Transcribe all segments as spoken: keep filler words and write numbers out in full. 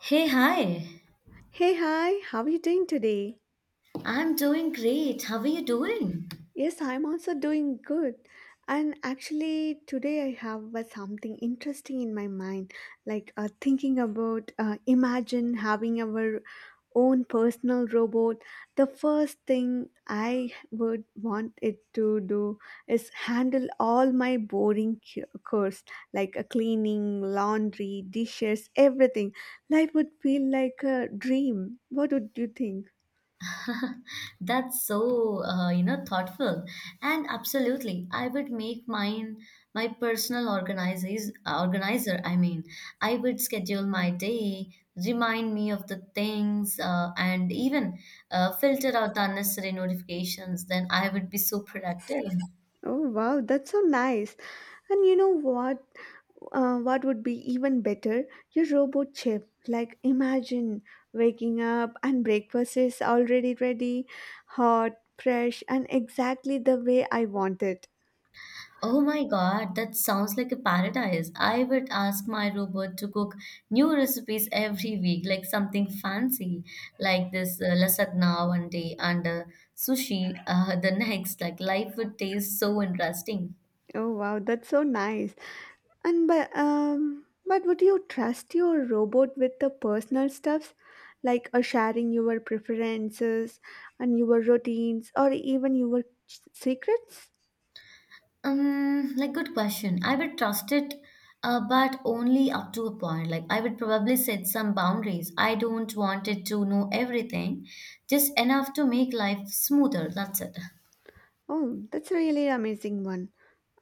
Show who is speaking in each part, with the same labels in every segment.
Speaker 1: Hey, hi.
Speaker 2: Hey, hi, how are you doing today?
Speaker 1: I'm doing great. How are you doing?
Speaker 2: Yes, I'm also doing good. And actually, today I have uh, something interesting in my mind, like uh, thinking about uh, imagine having our own personal robot. The first thing I would want it to do is handle all my boring cu- chores, like uh, cleaning, laundry, dishes, everything. Life would feel like a dream. What would you think?
Speaker 1: That's so, uh, you know, thoughtful. And absolutely, I would make mine my personal organizes, organizer. I mean, I would schedule my day, remind me of the things, uh, and even uh, filter out the unnecessary notifications. Then I would be so productive.
Speaker 2: Oh wow, that's so nice. And you know what? Uh, what would be even better? Your robot chef. Like imagine waking up and breakfast is already ready, hot, fresh, and exactly the way I want it.
Speaker 1: Oh my God, that sounds like a paradise. I would ask my robot to cook new recipes every week, like something fancy, like this uh, lasagna one day and uh, sushi uh, the next. Like life would taste so interesting.
Speaker 2: Oh wow, that's so nice. And but um, but would you trust your robot with the personal stuffs, like uh, sharing your preferences and your routines, or even your s- secrets?
Speaker 1: Um, like good question. I would trust it, uh, but only up to a point. Like I would probably set some boundaries. I don't want it to know everything, just enough to make life smoother. That's it.
Speaker 2: Oh, that's a really amazing one.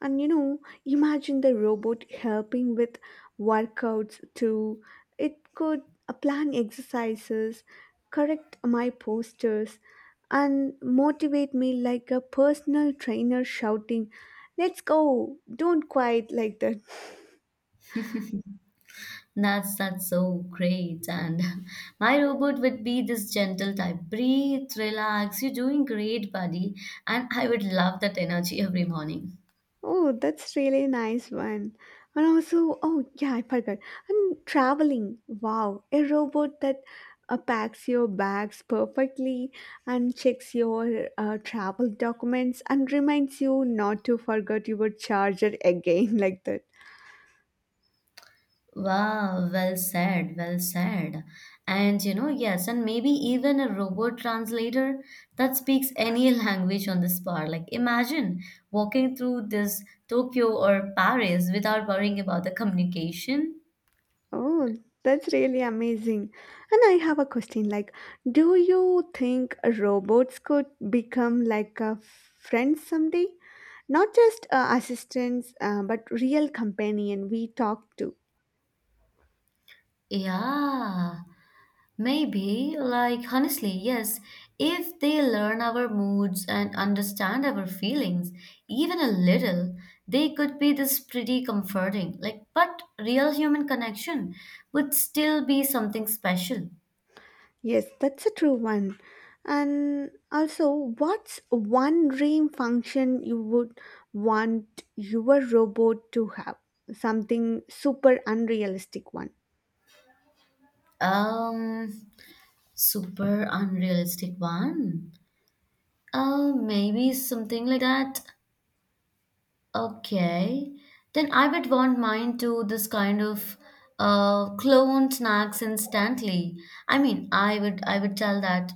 Speaker 2: And you know, imagine the robot helping with workouts too. It could uh, plan exercises, correct my postures, and motivate me like a personal trainer shouting, "Let's go! Don't quiet like that."
Speaker 1: That's that's so great. And my robot would be this gentle type. Breathe, relax. You're doing great, buddy. And I would love that energy every morning.
Speaker 2: Oh, that's really nice one. And also, oh yeah, I forgot. And traveling, wow, a robot that uh, packs your bags perfectly and checks your uh, travel documents and reminds you not to forget your charger again, like that.
Speaker 1: Wow, well said, well said. And you know, yes, and maybe even a robot translator that speaks any language on the spot. Like imagine walking through this Tokyo or Paris without worrying about the communication.
Speaker 2: Oh, that's really amazing. And I have a question like, do you think robots could become like a friend someday? Not just uh, assistants, uh, but real companion we talk to.
Speaker 1: Yeah. Maybe, like honestly, yes, if they learn our moods and understand our feelings, even a little, they could be this pretty comforting. Like, but real human connection would still be something special.
Speaker 2: Yes, that's a true one. And also, what's one dream function you would want your robot to have? Something super unrealistic one.
Speaker 1: Um, Super unrealistic one. Uh, maybe something like that. Okay. Then I would want mine to this kind of uh, clone snacks instantly. I mean, I would I would tell that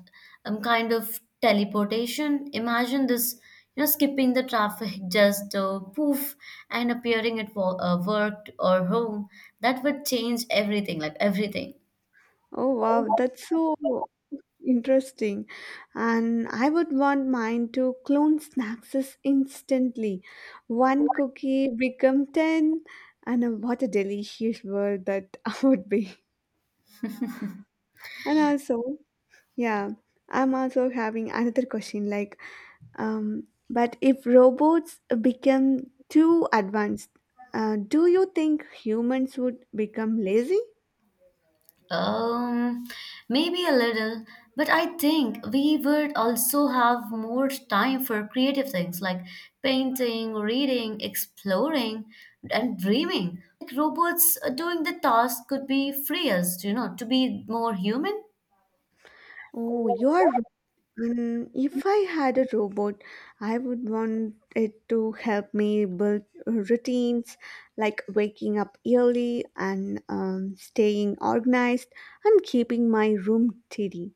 Speaker 1: um kind of teleportation. Imagine this, you know, skipping the traffic, just uh, poof, and appearing at wo- uh, work or home. That would change everything, like everything.
Speaker 2: Oh wow, that's so interesting. And I would want mine to clone snacks is instantly. One cookie become ten and uh, what a delicious world that would be. And also, yeah, I'm also having another question like um but if robots become too advanced, uh, do you think humans would become lazy?
Speaker 1: Um, Maybe a little, but I think we would also have more time for creative things like painting, reading, exploring, and dreaming. Like robots uh, doing the task could be free us, you know, to be more human.
Speaker 2: Oh, you are. Mm, if I had a robot, I would want it to help me build routines like waking up early and um, staying organized and keeping my room tidy.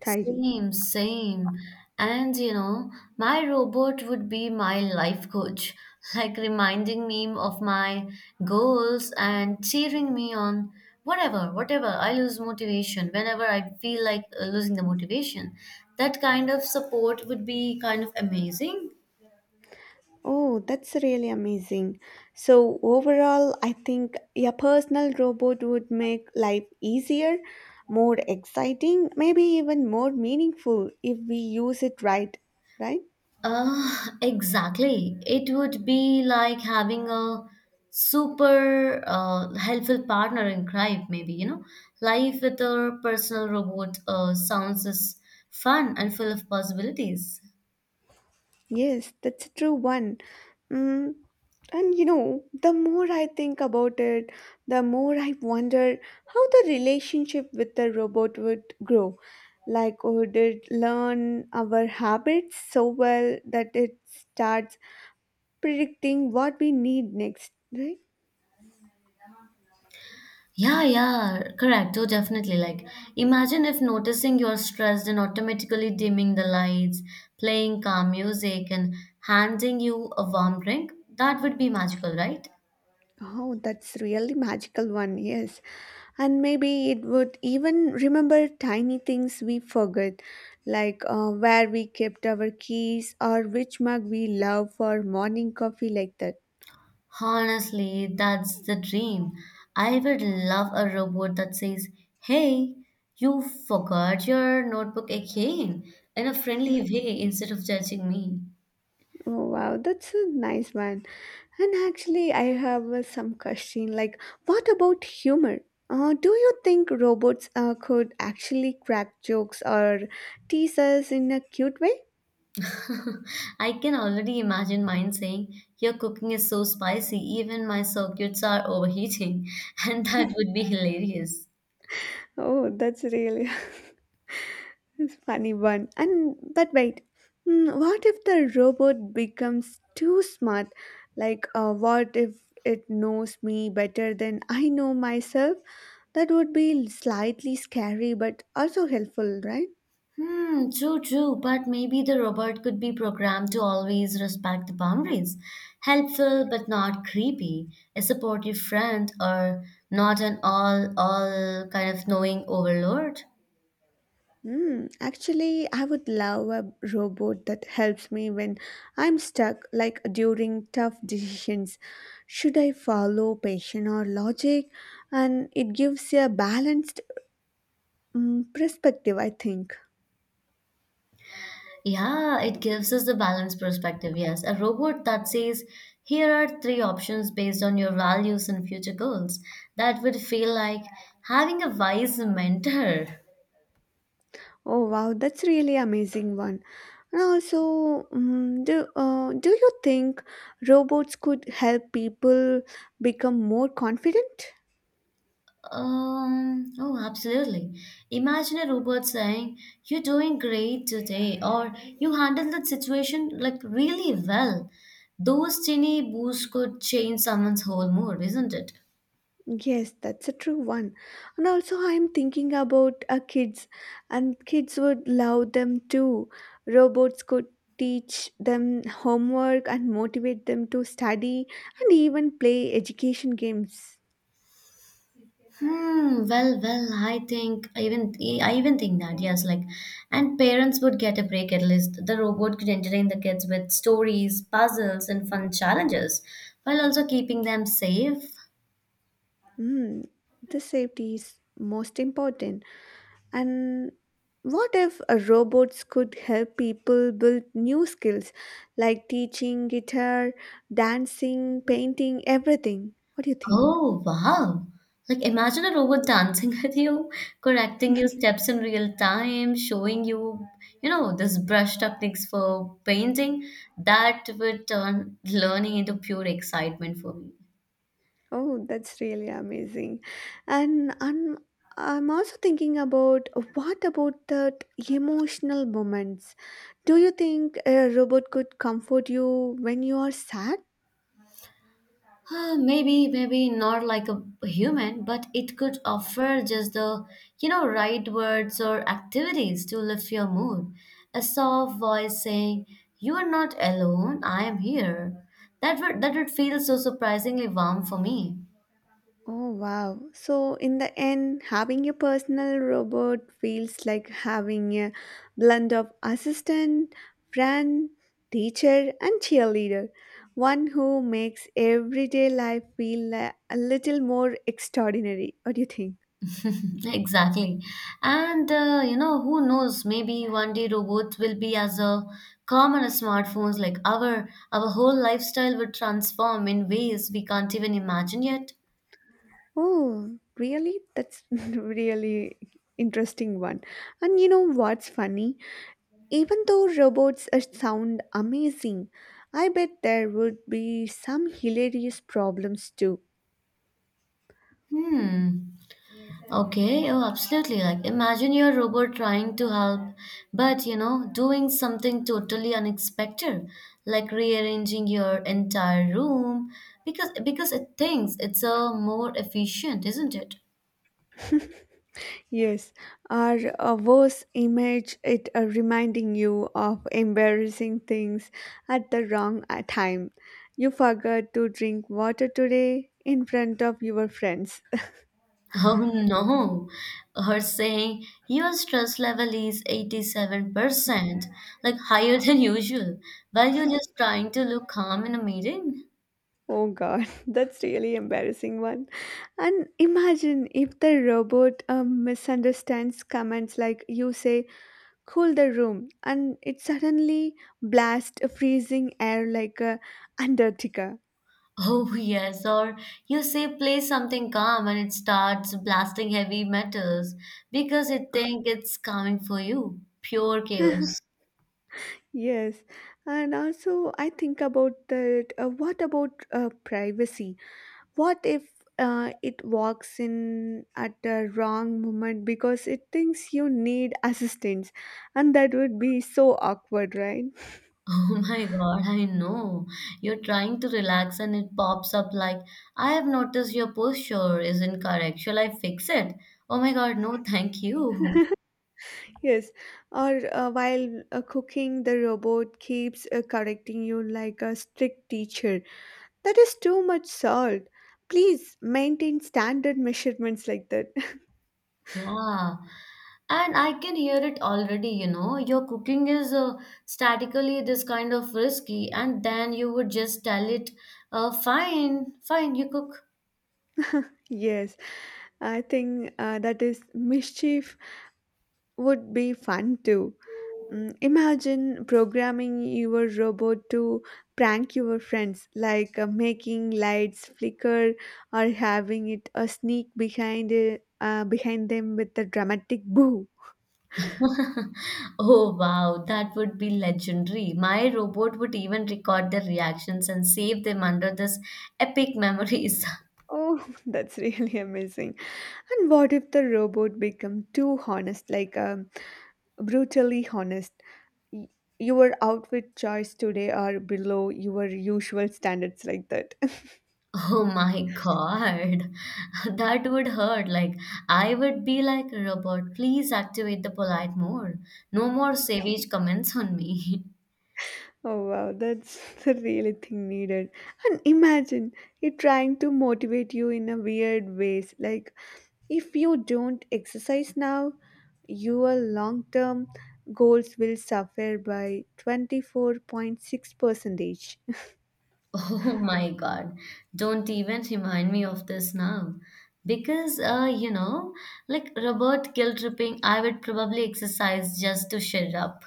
Speaker 2: tidy.
Speaker 1: Same, same. And you know, my robot would be my life coach, like reminding me of my goals and cheering me on whatever, whatever. I lose motivation whenever I feel like uh, losing the motivation. That kind of support would be kind of amazing.
Speaker 2: Oh, that's really amazing. So, overall, I think a personal robot would make life easier, more exciting, maybe even more meaningful if we use it right, right?
Speaker 1: Uh, exactly. It would be like having a super uh, helpful partner in crime, maybe, you know. Life with a personal robot uh, sounds as fun and full of possibilities.
Speaker 2: Yes, that's a true one. Mm, and you know, the more I think about it, the more I wonder how the relationship with the robot would grow. Like, would it learn our habits so well that it starts predicting what we need next, right?
Speaker 1: Yeah, yeah, correct. Oh, definitely. Like, imagine if noticing you're stressed and automatically dimming the lights, playing calm music, and handing you a warm drink. That would be magical, right?
Speaker 2: Oh, that's really magical one, yes. And maybe it would even remember tiny things we forgot, like uh, where we kept our keys or which mug we love for morning coffee, like that.
Speaker 1: Honestly, that's the dream. I would love a robot that says, Hey, you forgot your notebook again, in a friendly way instead of judging me.
Speaker 2: Oh, wow, that's a nice one. And actually, I have uh, some question like, what about humor? Uh, do you think robots uh, could actually crack jokes or tease us in a cute way?
Speaker 1: I can already imagine mine saying, Your cooking is so spicy, even my circuits are overheating, and that would be hilarious.
Speaker 2: Oh, that's really it's funny one. And but wait, hmm, what if the robot becomes too smart? Like, uh, what if it knows me better than I know myself? That would be slightly scary, but also helpful, right?
Speaker 1: Hmm, true, true. But maybe the robot could be programmed to always respect the boundaries. Helpful but not creepy, a supportive friend, or not an all all kind of knowing overlord.
Speaker 2: Hmm, actually, I would love a robot that helps me when I'm stuck, like during tough decisions. Should I follow passion or logic? And it gives a balanced mm, perspective, I think.
Speaker 1: Yeah, it gives us the balanced perspective. Yes, a robot that says, here are three options based on your values and future goals. That would feel like having a wise mentor.
Speaker 2: Oh wow, that's really amazing one. And also, mm, do uh, do you think robots could help people become more confident?
Speaker 1: Um, oh, absolutely. Imagine a robot saying, You're doing great today, or You handled that situation like really well. Those tiny boosts could change someone's whole mood, isn't it?
Speaker 2: Yes, that's a true one. And also, I'm thinking about uh, kids, and kids would love them too. Robots could teach them homework and motivate them to study and even play education games.
Speaker 1: Hmm, well, well, I think I even I even think that, yes, like and parents would get a break at least. The robot could entertain the kids with stories, puzzles, and fun challenges while also keeping them safe.
Speaker 2: Mm, the safety is most important. And what if uh, robots could help people build new skills like teaching, guitar, dancing, painting, everything? What do you think?
Speaker 1: Oh, wow. Like imagine a robot dancing with you, correcting your steps in real time, showing you, you know, this brush techniques for painting. That would turn learning into pure excitement for me.
Speaker 2: Oh, that's really amazing. And I'm, I'm also thinking about uh, what about that emotional moments? Do you think a robot could comfort you when you are sad?
Speaker 1: Uh, maybe, maybe not like a human, but it could offer just the, you know, right words or activities to lift your mood. A soft voice saying, "You are not alone. I am here." That would that would feel so surprisingly warm for me.
Speaker 2: Oh, wow. So, in the end, having a personal robot feels like having a blend of assistant, friend, teacher, and cheerleader. One who makes everyday life feel a a little more extraordinary. What do you think?
Speaker 1: Exactly. And uh, you know, who knows? Maybe one day robots will be as a common as smartphones. Like our our whole lifestyle would transform in ways we can't even imagine yet.
Speaker 2: Oh, really? That's really interesting one. And you know what's funny? Even though robots are- sound amazing, I bet there would be some hilarious problems too.
Speaker 1: Hmm. Okay, oh, absolutely. Like, imagine your robot trying to help, but you know, doing something totally unexpected, like rearranging your entire room because because it thinks it's a more efficient, isn't it?
Speaker 2: Yes, or a worse image it uh, reminding you of embarrassing things at the wrong uh, time. You forgot to drink water today in front of your friends.
Speaker 1: Oh no, or saying your stress level is eighty-seven percent, like higher than usual, while you're just trying to look calm in a meeting.
Speaker 2: Oh god, that's really embarrassing one. And imagine if the robot um, misunderstands comments like you say cool the room and it suddenly blasts a freezing air like a undertaker.
Speaker 1: Oh, yes, or you say play something calm and it starts blasting heavy metals because it think it's calming for you. Pure chaos.
Speaker 2: Yes, and also I think about that, uh, what about uh, privacy? What if uh, it walks in at the wrong moment because it thinks you need assistance, and that would be so awkward, right?
Speaker 1: Oh my God, I know. You're trying to relax and it pops up like, I have noticed your posture is incorrect. Shall I fix it? Oh my God, no, thank you.
Speaker 2: Yes, or uh, while uh, cooking the robot keeps uh, correcting you like a strict teacher. "That is too much salt. Please maintain standard measurements," like that.
Speaker 1: Yeah. And I can hear it already, you know. Your cooking is uh, statically this kind of risky, and then you would just tell it, uh, fine, fine, you cook.
Speaker 2: Yes, I think uh, that is mischief would be fun too. Mm, Imagine programming your robot to prank your friends, like uh, making lights flicker or having it a sneak behind it, uh, behind them with a dramatic boo.
Speaker 1: Oh wow, that would be legendary. My robot would even record their reactions and save them under this epic memories.
Speaker 2: Oh, that's really amazing. And what if the robot become too honest, like um, brutally honest? Y- Your outfit choice today are below your usual standards, like that.
Speaker 1: Oh my God, that would hurt. Like, I would be like, Robert, please activate the polite mode. No more savage comments on me.
Speaker 2: Oh wow, that's the really thing needed. And imagine it trying to motivate you in a weird ways. Like if you don't exercise now, your long term goals will suffer by twenty-four point six percentage.
Speaker 1: Oh my God, don't even remind me of this now. Because, uh, you know, like Robert guilt tripping, I would probably exercise just to shut up.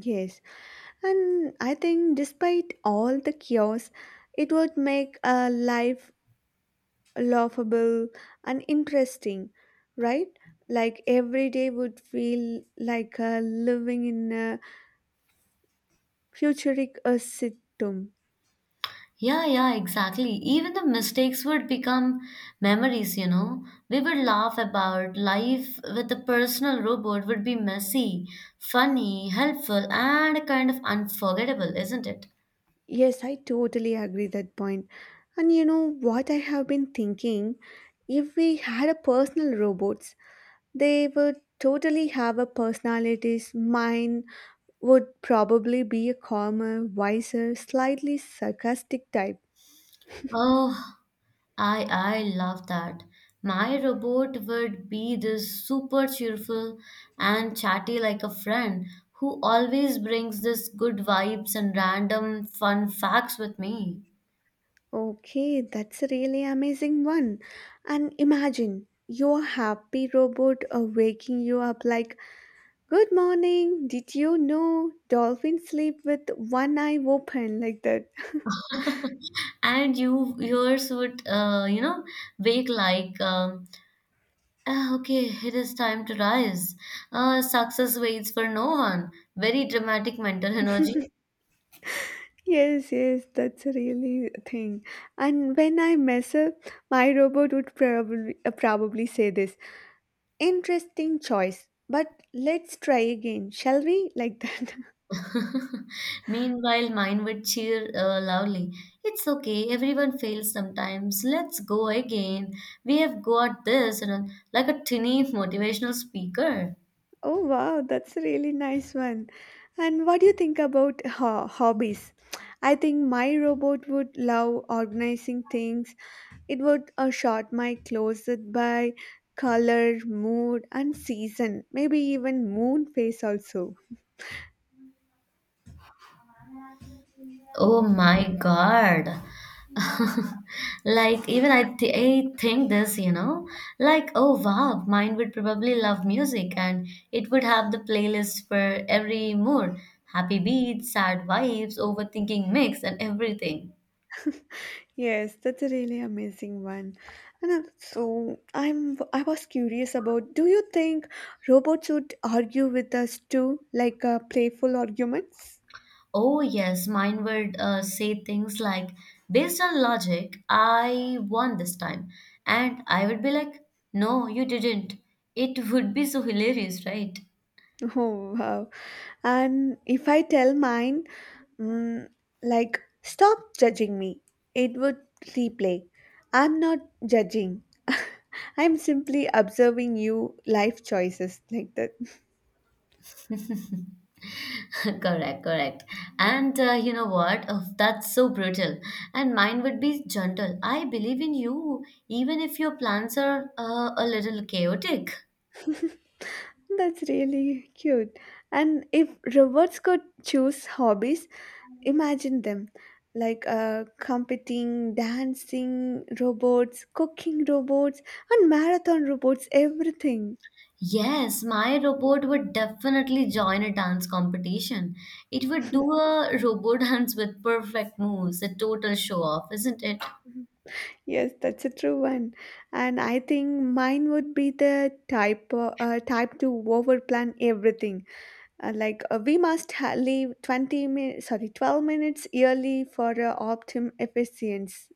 Speaker 2: Yes, and I think, despite all the chaos, it would make a life laughable and interesting, right? Like every day would feel like uh, living in a futuristic uh, sitcom.
Speaker 1: Yeah, yeah, exactly. Even the mistakes would become memories, you know. We would laugh about life with a personal robot would be messy, funny, helpful, and kind of unforgettable, isn't it?
Speaker 2: Yes, I totally agree that point. And you know what I have been thinking? If we had a personal robots, they would totally have a personalities, mind, would probably be a calmer, wiser, slightly sarcastic type.
Speaker 1: Oh, I I love that. My robot would be this super cheerful and chatty like a friend who always brings this good vibes and random fun facts with me.
Speaker 2: Okay, that's a really amazing one. And imagine your happy robot uh, waking you up like, "Good morning, did you know dolphins sleep with one eye open," like that.
Speaker 1: And you yours would uh, you know wake like um, "Ah, okay, it is time to rise uh, Success waits for no one. Very dramatic mental energy."
Speaker 2: Yes, yes, that's a really thing. And when I mess up, my robot would probably uh, probably say this. "Interesting choice, but let's try again, shall we?" Like that.
Speaker 1: Meanwhile, mine would cheer uh, loudly, "It's okay, everyone fails sometimes, let's go again, we have got this," and like a tiny motivational speaker.
Speaker 2: Oh wow, that's a really nice one. And what do you think about ho- hobbies? I think my robot would love organizing things. It would uh, sort my closet by color, mood, and season. Maybe even moon phase also.
Speaker 1: Oh my God, like even I, th- I think this, you know like, oh wow, mine would probably love music, and it would have the playlist for every mood. Happy beats, sad vibes, overthinking mix, and everything.
Speaker 2: Yes, that's a really amazing one. And uh, so I'm I was curious about, do you think robots would argue with us too, like uh, playful arguments?
Speaker 1: Oh yes, mine would uh, say things like, based on logic, I won this time, and I would be like, no you didn't. It would be so hilarious, right?
Speaker 2: Oh wow. And if I tell mine, mm, like, stop judging me, it would replay. "I'm not judging. I'm simply observing you life choices," like that.
Speaker 1: Correct, correct. And uh, you know what? Oh, that's so brutal. And mine would be gentle. I believe in you, even if your plans are uh, a little chaotic.
Speaker 2: That's really cute. And if robots could choose hobbies, imagine them like uh, competing, dancing robots, cooking robots, and marathon robots, everything.
Speaker 1: Yes, my robot would definitely join a dance competition. It would do a robot dance with perfect moves, a total show off, isn't it?
Speaker 2: Yes, that's a true one. And I think mine would be the type uh, uh, type to overplan everything. Uh, like uh, we must ha- leave twenty minutes, sorry, twelve minutes yearly for uh, optimum efficiency.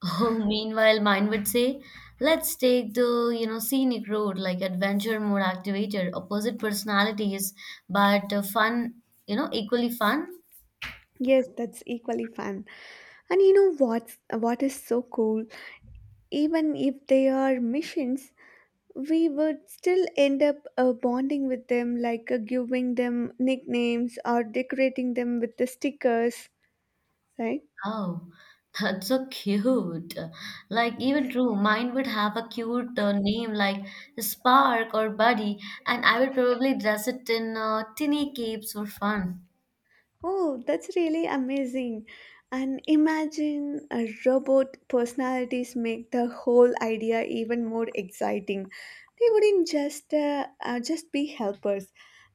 Speaker 1: Oh, meanwhile, mine would say, let's take the, you know, scenic road, like adventure mode activated, opposite personalities, but uh, fun, you know, equally fun.
Speaker 2: Yes, that's equally fun. And you know what's what is so cool? Even if they are missions, we would still end up uh, bonding with them, like uh, giving them nicknames or decorating them with the stickers, right?
Speaker 1: Oh, that's so cute. Like, even true, mine would have a cute uh, name like Spark or Buddy, and I would probably dress it in uh, tinny capes for fun.
Speaker 2: Oh, that's really amazing. And imagine a robot personalities make the whole idea even more exciting. They wouldn't just uh, uh, just be helpers.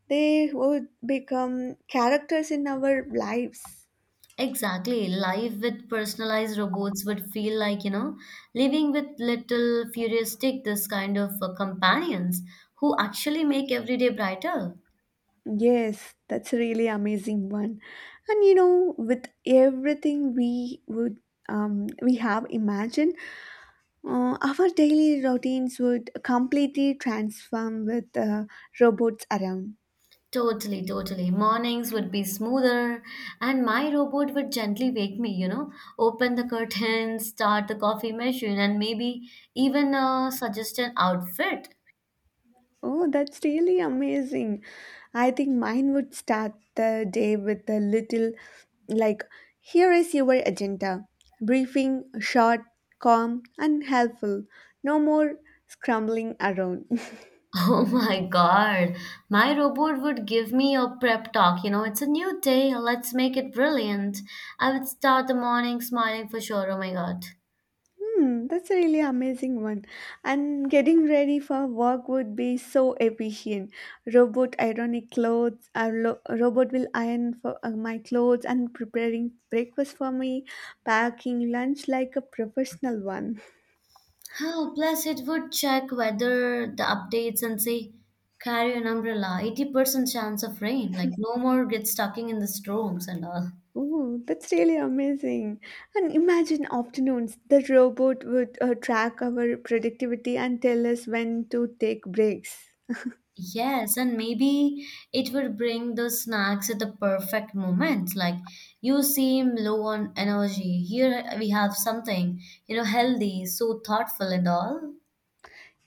Speaker 2: They would become characters in our lives.
Speaker 1: Exactly. Life with personalized robots would feel like, you know, living with little futuristic, this kind of uh, companions who actually make every day brighter.
Speaker 2: Yes, that's a really amazing one. And you know, with everything we would um, we have imagined, uh, our daily routines would completely transform with uh, robots around.
Speaker 1: Totally, totally. Mornings would be smoother, and my robot would gently wake me, you know, open the curtains, start the coffee machine, and maybe even uh, suggest an outfit.
Speaker 2: Oh, that's really amazing. I think mine would start the day with a little like, "Here is your agenda." Briefing, short, calm, and helpful. No more scrambling around.
Speaker 1: Oh my God. My robot would give me a prep talk. You know, it's a new day. Let's make it brilliant. I would start the morning smiling for sure. Oh my God.
Speaker 2: Hmm, that's a really amazing one. And getting ready for work would be so efficient. Robot ironing clothes, A lo- robot will iron for uh, my clothes and preparing breakfast for me, packing lunch like a professional one.
Speaker 1: Oh, plus it would check weather, the updates, and say, carry an umbrella. eighty percent chance of rain. Like, no more get stuck in the storms and all.
Speaker 2: Oh, that's really amazing. And imagine afternoons, the robot would uh, track our productivity and tell us when to take breaks.
Speaker 1: Yes, and maybe it would bring the snacks at the perfect moment. Like you seem low on energy. Here we have something, you know, healthy, so thoughtful and all.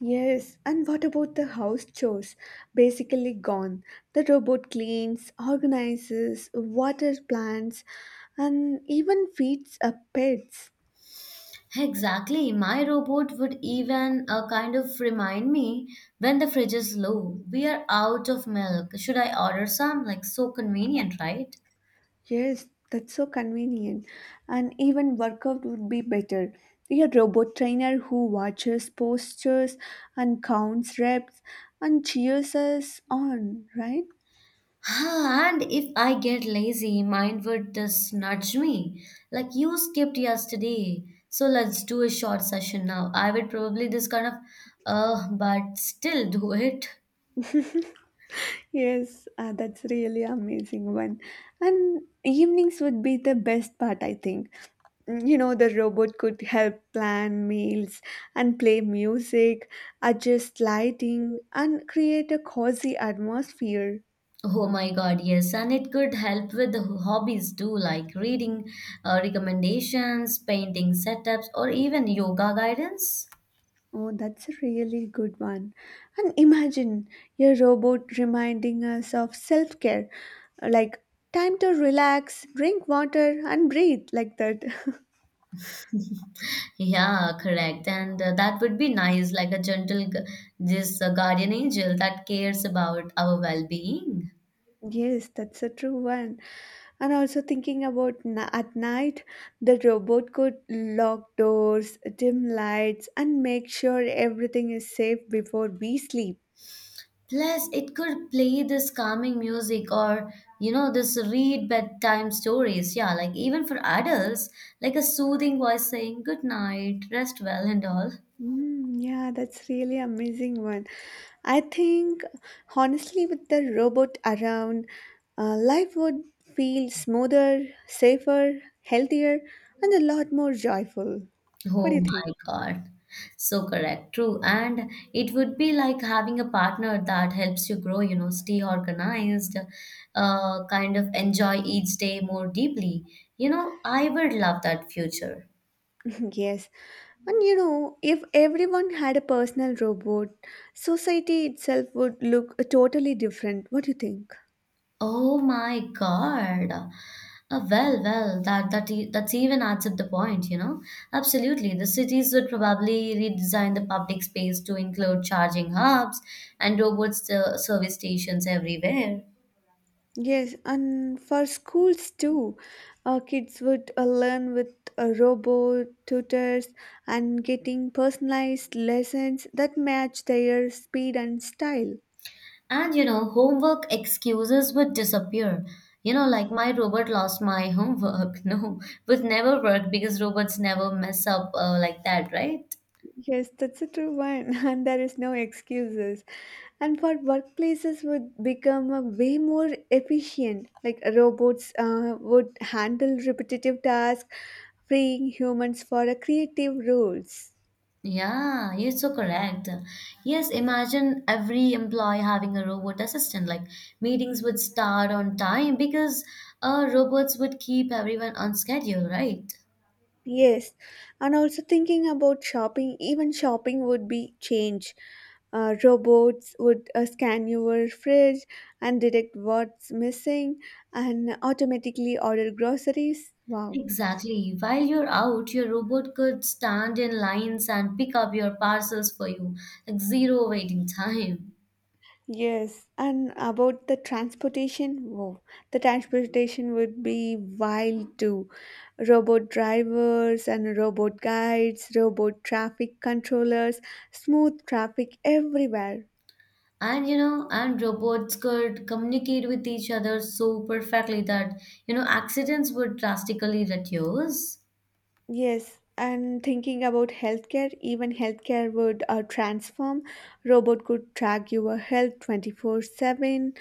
Speaker 2: Yes, and what about the house chores? Basically gone. The robot cleans, organizes, waters plants, and even feeds uh, pets.
Speaker 1: Exactly. My robot would even uh, kind of remind me when the fridge is low. We are out of milk. Should I order some? Like so convenient, right?
Speaker 2: Yes, that's so convenient. And even workout would be better. A robot trainer who watches postures and counts reps and cheers us on, right?
Speaker 1: Ah, and if I get lazy, mine would just nudge me. Like you skipped yesterday. So let's do a short session now. I would probably just kind of, uh, but still do it.
Speaker 2: Yes, uh, that's really amazing one. And evenings would be the best part, I think. Mm, you know, the robot could help plan meals and play music, adjust lighting, and create a cozy atmosphere.
Speaker 1: Oh my God, yes. And it could help with the hobbies too, like reading uh, recommendations, painting setups, or even yoga guidance.
Speaker 2: Oh, that's a really good one. And imagine your robot reminding us of self care, like time to relax, drink water, and breathe, like that.
Speaker 1: Yeah, correct. And uh, that would be nice, like a gentle, gu- this uh, guardian angel that cares about our well-being.
Speaker 2: Yes, that's a true one. And also thinking about na- at night, the robot could lock doors, dim lights, and make sure everything is safe before we sleep.
Speaker 1: Plus, it could play this calming music or, you know, this read bedtime stories. Yeah, like even for adults, like a soothing voice saying, Good night, rest well, and all.
Speaker 2: Mm, yeah, that's really amazing one. I think honestly, with the robot around, uh, life would feel smoother, safer, healthier, and a lot more joyful. What do
Speaker 1: Oh
Speaker 2: you think?
Speaker 1: my God. So correct, true. And it would be like having a partner that helps you grow, you know, stay organized, uh, kind of enjoy each day more deeply. You know, I would love that future.
Speaker 2: Yes. And you know, if everyone had a personal robot, society itself would look totally different. What do you think?
Speaker 1: Oh my God. Uh, well, well, that that e- that's even adds up the point, you know. Absolutely, the cities would probably redesign the public space to include charging hubs and robots uh, service stations everywhere.
Speaker 2: Yes, and for schools too, uh, kids would uh, learn with uh, robot tutors and getting personalized lessons that match their speed and style.
Speaker 1: And you know, homework excuses would disappear. You know, like my robot lost my homework. No, would never work because robots never mess up uh, like that, right?
Speaker 2: Yes, that's a true one, and there is no excuses. And for workplaces would become a way more efficient, like uh, robots uh, would handle repetitive tasks, freeing humans for a creative roles.
Speaker 1: Yeah, you're so correct. Yes, imagine every employee having a robot assistant. Like meetings would start on time because uh, robots would keep everyone on schedule, right?
Speaker 2: Yes, and also thinking about shopping, even shopping would be change. Uh, robots would uh, scan your fridge and detect what's missing and automatically order groceries. Wow.
Speaker 1: Exactly. While you're out, your robot could stand in lines and pick up your parcels for you, like zero waiting time.
Speaker 2: Yes, and about the transportation, wow, the transportation would be wild too. Robot drivers and robot guides, robot traffic controllers, smooth traffic everywhere.
Speaker 1: And you know, and robots could communicate with each other so perfectly that, you know, accidents would drastically reduce.
Speaker 2: Yes, and thinking about healthcare, even healthcare would uh, transform. Robot could track your health twenty-four seven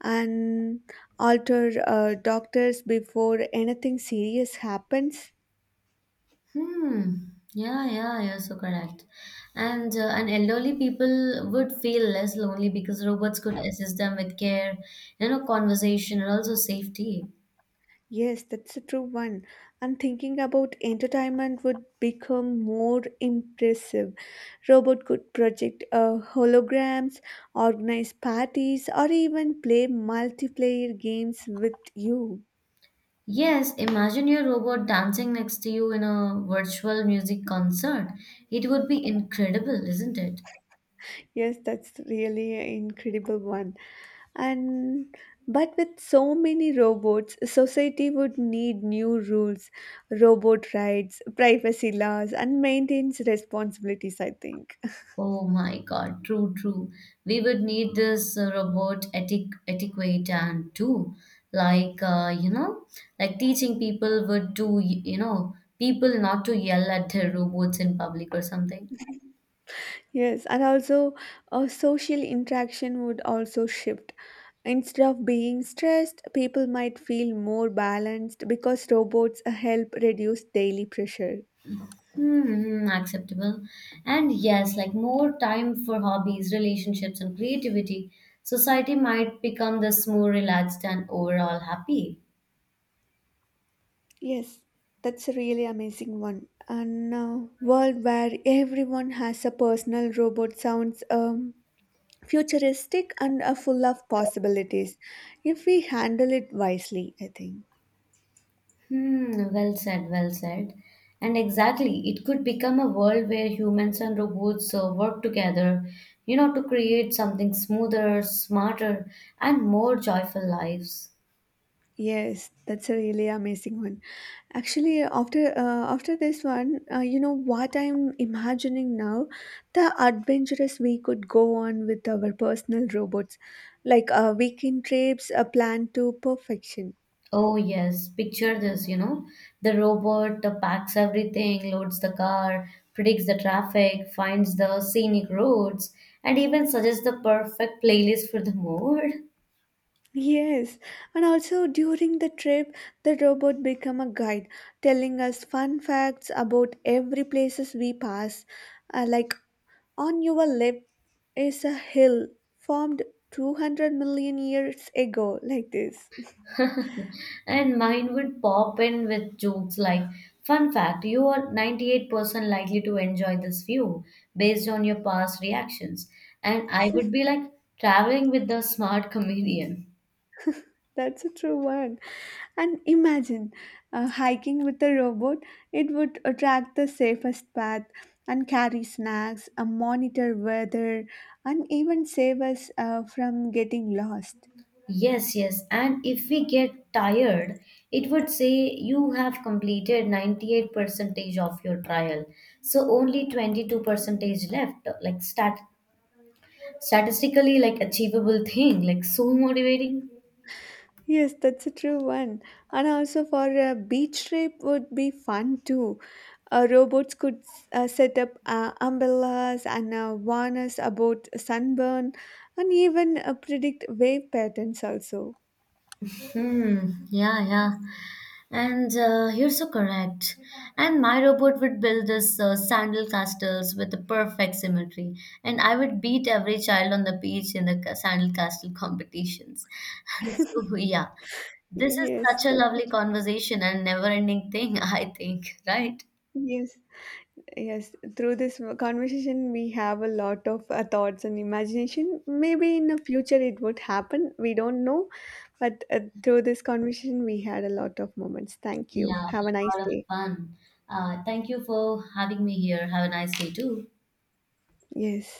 Speaker 2: and alter uh, doctors before anything serious happens.
Speaker 1: Hmm. Yeah, yeah, you're so correct. And uh, and elderly people would feel less lonely because robots could assist them with care, you know, conversation and also safety.
Speaker 2: Yes, that's a true one. And thinking about entertainment would become more impressive. Robot could project uh, holograms, organize parties, or even play multiplayer games with you.
Speaker 1: Yes, imagine your robot dancing next to you in a virtual music concert. It would be incredible, isn't it?
Speaker 2: Yes, that's really an incredible one. And but with so many robots, society would need new rules, robot rights, privacy laws, and maintenance responsibilities, I think.
Speaker 1: Oh my God, true, true. We would need this uh, robot etic etiquette and too, like uh, you know, like teaching people would do, y- you know, people not to yell at their robots in public or something.
Speaker 2: Yes, and also uh, social interaction would also shift. Instead of being stressed, people might feel more balanced because robots uh, help reduce daily pressure.
Speaker 1: Hmm, acceptable. And yes, like more time for hobbies, relationships, and creativity. Society might become this more relaxed and overall happy.
Speaker 2: Yes, that's a really amazing one. And uh, world where everyone has a personal robot sounds um, futuristic and uh, full of possibilities if we handle it wisely, I think.
Speaker 1: Hmm, well said, well said. And exactly, it could become a world where humans and robots uh, work together, you know, to create something smoother, smarter, and more joyful lives.
Speaker 2: Yes, that's a really amazing one. Actually, after uh, after this one, uh, you know what I'm imagining now, the adventurous we could go on with our personal robots, like uh, weekend trips, a plan to perfection.
Speaker 1: Oh, yes, picture this, you know, the robot uh, packs everything, loads the car, predicts the traffic, finds the scenic roads, and even suggests the perfect playlist for the mood.
Speaker 2: Yes, and also during the trip, the robot become a guide, telling us fun facts about every places we pass, uh, like on your left is a hill formed two hundred million years ago, like this.
Speaker 1: And mine would pop in with jokes like, fun fact, you are ninety-eight percent likely to enjoy this view based on your past reactions, and I would be like, traveling with the smart comedian.
Speaker 2: That's a true one. And imagine uh, hiking with a robot, it would attract the safest path and carry snacks, uh, monitor weather, and even save us uh, from getting lost.
Speaker 1: Yes, yes, and if we get tired, it would say, you have completed ninety-eight percent percentage of your trial, so only twenty-two percent percentage left, like stat statistically like achievable thing, like so motivating.
Speaker 2: Yes, that's a true one. And also for a beach trip would be fun too. Uh, robots could s- uh, set up uh, umbrellas and uh, warn us about sunburn and even uh, predict wave patterns also.
Speaker 1: Hmm. Yeah, yeah. And uh, you're so correct. And my robot would build this uh, sandal castles with the perfect symmetry, and I would beat every child on the beach in the ca- sandal castle competitions. And so, yeah, this is
Speaker 2: Yes,
Speaker 1: such a
Speaker 2: that's
Speaker 1: lovely
Speaker 2: it.
Speaker 1: conversation and never-ending thing, I think, right?
Speaker 2: Yes, yes. Through this conversation, we have a lot of uh, thoughts and imagination. Maybe in the future it would happen. We don't know. But uh, through this conversation, we had a lot of moments. Thank you.
Speaker 1: Yeah,
Speaker 2: Have a nice
Speaker 1: a lot of
Speaker 2: day.
Speaker 1: fun. Uh, thank you for having me here. Have a nice day too.
Speaker 2: Yes.